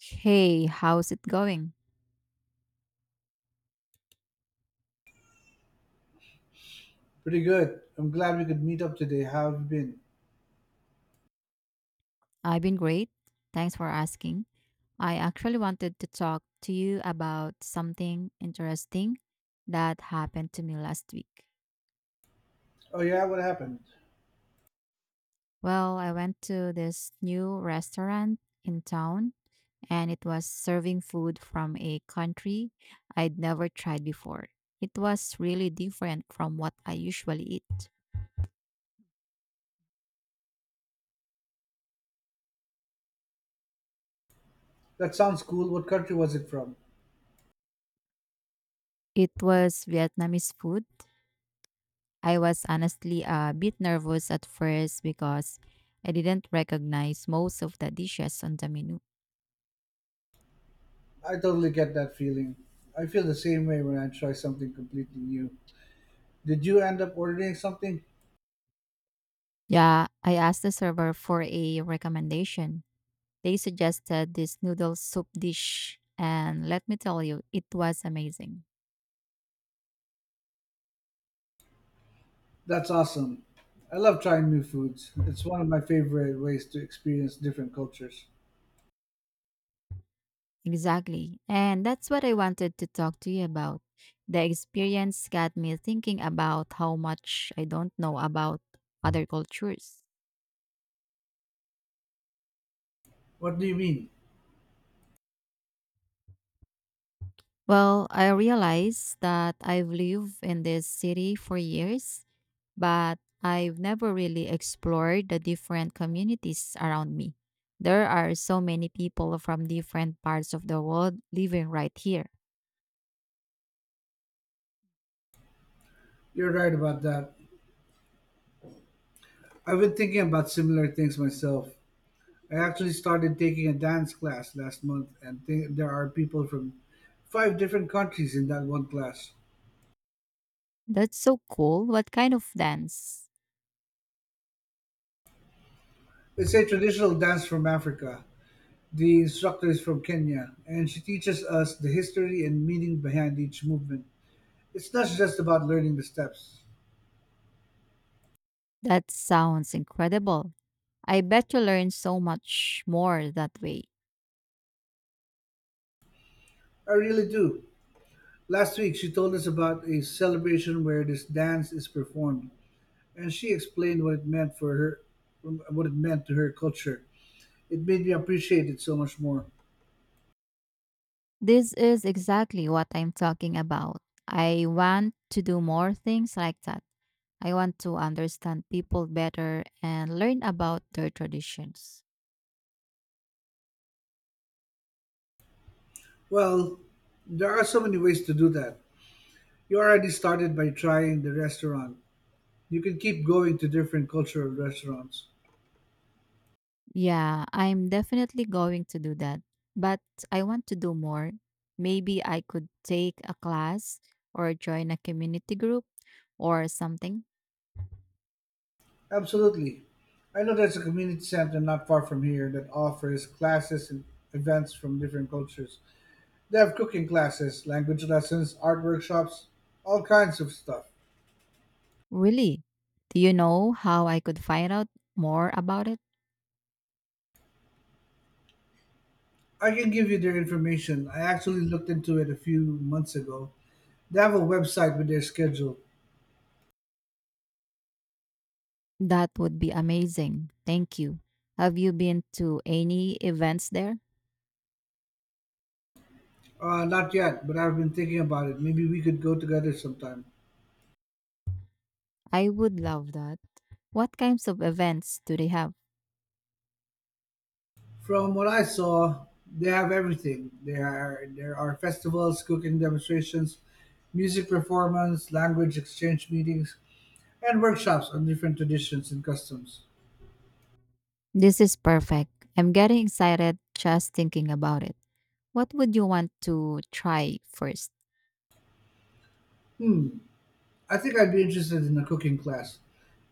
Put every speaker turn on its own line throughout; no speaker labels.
Hey, how's it going?
Pretty good. I'm glad we could meet up today. How have you been?
I've been great. Thanks for asking. I actually wanted to talk to you about something interesting that happened to me last week.
Oh, yeah, what happened?
Well, I went to this new restaurant in town and it was serving food from a country I'd never tried before. It was really different from what I usually eat.
That sounds cool. What country was it from?
It was Vietnamese food. I was honestly a bit nervous at first because I didn't recognize most of the dishes on the menu.
I totally get that feeling. I feel the same way when I try something completely new. Did you end up ordering something?
Yeah, I asked the server for a recommendation. They suggested this noodle soup dish, and let me tell you, it was amazing.
That's awesome. I love trying new foods. It's one of my favorite ways to experience different cultures.
Exactly. And that's what I wanted to talk to you about. The experience got me thinking about how much I don't know about other cultures.
What do you mean?
Well, I realize that I've lived in this city for years, but I've never really explored the different communities around me. There are so many people from different parts of the world living right here.
You're right about that. I've been thinking about similar things myself. I actually started taking a dance class last month, and there are people from 5 different countries in that one class.
That's so cool. What kind of dance?
It's a traditional dance from Africa. The instructor is from Kenya, and she teaches us the history and meaning behind each movement. It's not just about learning the steps.
That sounds incredible. I bet you learn so much more that way.
I really do. Last week, she told us about a celebration where this dance is performed, and she explained what it meant for her, what it meant to her culture. It made me appreciate it so much more.
This is exactly what I'm talking about. I want to do more things like that. I want to understand people better and learn about their traditions.
Well, there are so many ways to do that. You already started by trying the restaurant. You can keep going to different cultural restaurants.
Yeah, I'm definitely going to do that. But I want to do more. Maybe I could take a class or join a community group or something.
Absolutely. I know there's a community center not far from here that offers classes and events from different cultures. They have cooking classes, language lessons, art workshops, all kinds of stuff.
Really? Do you know how I could find out more about it?
I can give you their information. I actually looked into it a few months ago. They have a website with their schedule.
That would be amazing. Thank you. Have you been to any events there?
Not yet, but I've been thinking about it. Maybe we could go together sometime.
I would love that. What kinds of events do they have?
From what I saw, they have everything. There are festivals, cooking demonstrations, music performance, language exchange meetings, and workshops on different traditions and customs.
This is perfect. I'm getting excited just thinking about it. What would you want to try first?
Hmm. I think I'd be interested in a cooking class.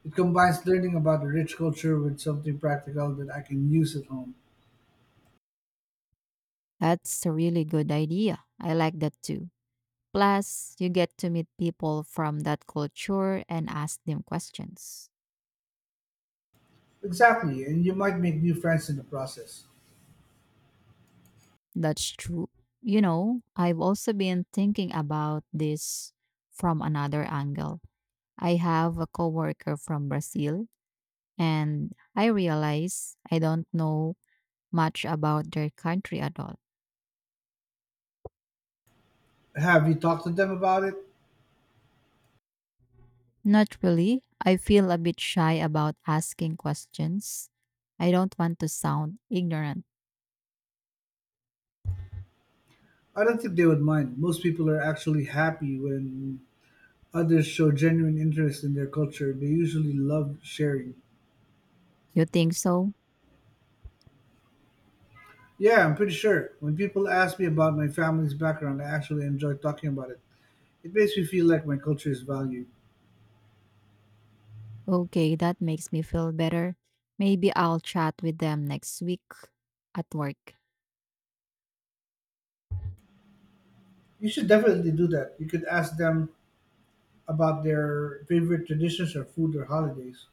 It combines learning about a rich culture with something practical that I can use at home.
That's a really good idea. I like that too. Plus, you get to meet people from that culture and ask them questions.
Exactly, and you might make new friends in the process.
That's true. You know, I've also been thinking about this from another angle. I have a coworker from Brazil, and I realize I don't know much about their country at all.
Have you talked to them about it?
Not really. I feel a bit shy about asking questions. I don't want to sound ignorant.
I don't think they would mind. Most people are actually happy when others show genuine interest in their culture. They usually love sharing.
You think so?
Yeah, I'm pretty sure. When people ask me about my family's background, I actually enjoy talking about it. It makes me feel like my culture is valued.
Okay, that makes me feel better. Maybe I'll chat with them next week at work.
You should definitely do that. You could ask them about their favorite traditions or food or holidays.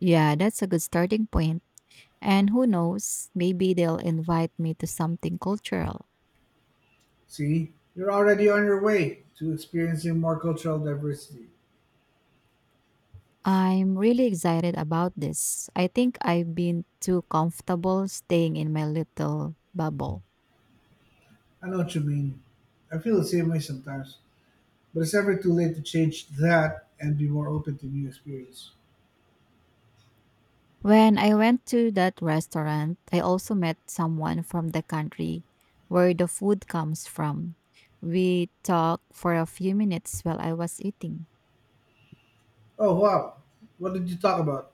Yeah, that's a good starting point. And who knows, maybe they'll invite me to something cultural.
See, you're already on your way to experiencing more cultural diversity.
I'm really excited about this. I think I've been too comfortable staying in my little bubble.
I know what you mean. I feel the same way sometimes, but it's never too late to change that and be more open to new experience.
When I went to that restaurant, I also met someone from the country where the food comes from. We talked for a few minutes while I was eating.
Oh wow, what did you talk about?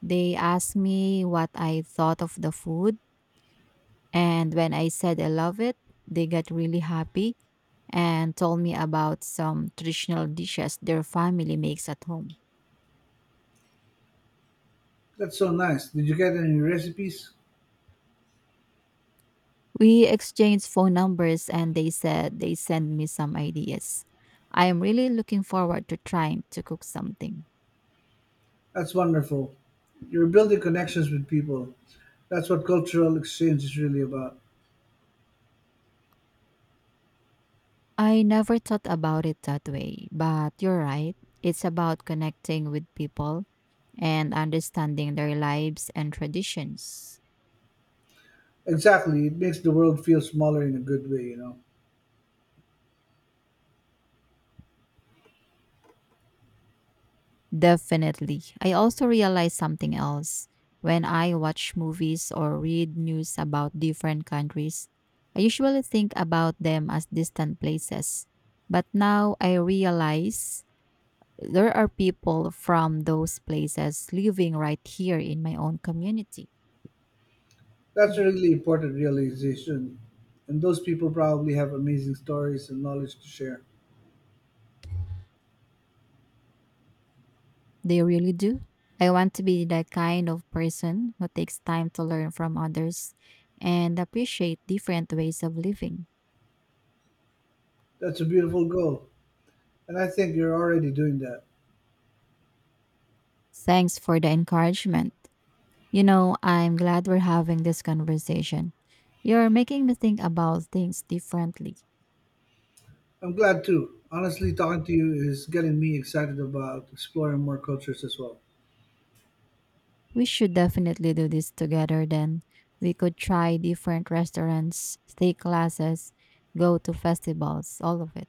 They asked me what I thought of the food, and when I said I love it, they got really happy and told me about some traditional dishes their family makes at home.
That's so nice. Did you get any recipes?
We exchanged phone numbers and they said they send me some ideas. I am really looking forward to trying to cook something.
That's wonderful. You're building connections with people. That's what cultural exchange is really about.
I never thought about it that way, but you're right. It's about connecting with people and understanding their lives and traditions.
Exactly. It makes the world feel smaller in a good way, you know.
Definitely. I also realized something else. When I watch movies or read news about different countries, I usually think about them as distant places. But now I realize there are people from those places living right here in my own community.
That's a really important realization. And those people probably have amazing stories and knowledge to share.
They really do. I want to be the kind of person who takes time to learn from others and appreciate different ways of living.
That's a beautiful goal. And I think you're already doing that.
Thanks for the encouragement. You know, I'm glad we're having this conversation. You're making me think about things differently.
I'm glad too. Honestly, talking to you is getting me excited about exploring more cultures as well.
We should definitely do this together then. We could try different restaurants, take classes, go to festivals, all of it.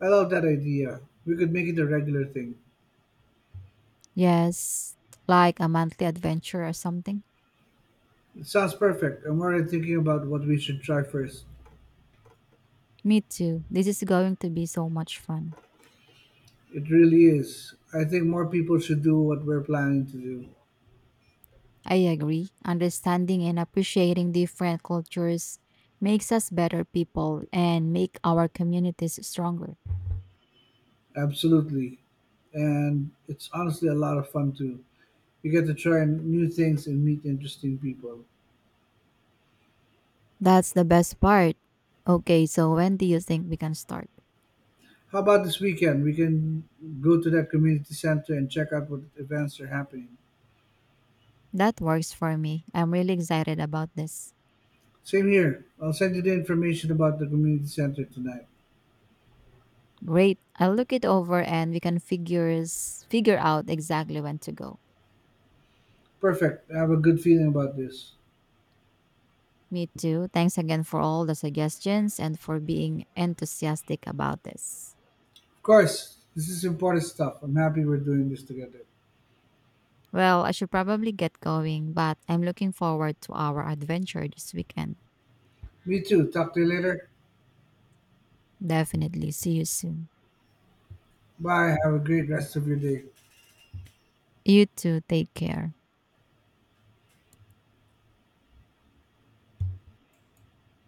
I love that idea. We could make it a regular thing.
Yes, like a monthly adventure or something.
It sounds perfect. I'm already thinking about what we should try first.
Me too. This is going to be so much fun.
It really is. I think more people should do what we're planning to do.
I agree. Understanding and appreciating different cultures makes us better people and make our communities stronger.
Absolutely. And it's honestly a lot of fun too. You get to try new things and meet interesting people.
That's the best part. Okay, so when do you think we can start?
How about this weekend? We can go to that community center and check out what events are happening.
That works for me. I'm really excited about this.
Same here. I'll send you the information about the community center tonight.
Great. I'll look it over and we can figure out exactly when to go.
Perfect. I have a good feeling about this.
Me too. Thanks again for all the suggestions and for being enthusiastic about this.
Of course, this is important stuff. I'm happy we're doing this together.
Well, I should probably get going, but I'm looking forward to our adventure this weekend.
Me too. Talk to you later.
Definitely. See you soon.
Bye. Have a great rest of your day.
You too. Take care.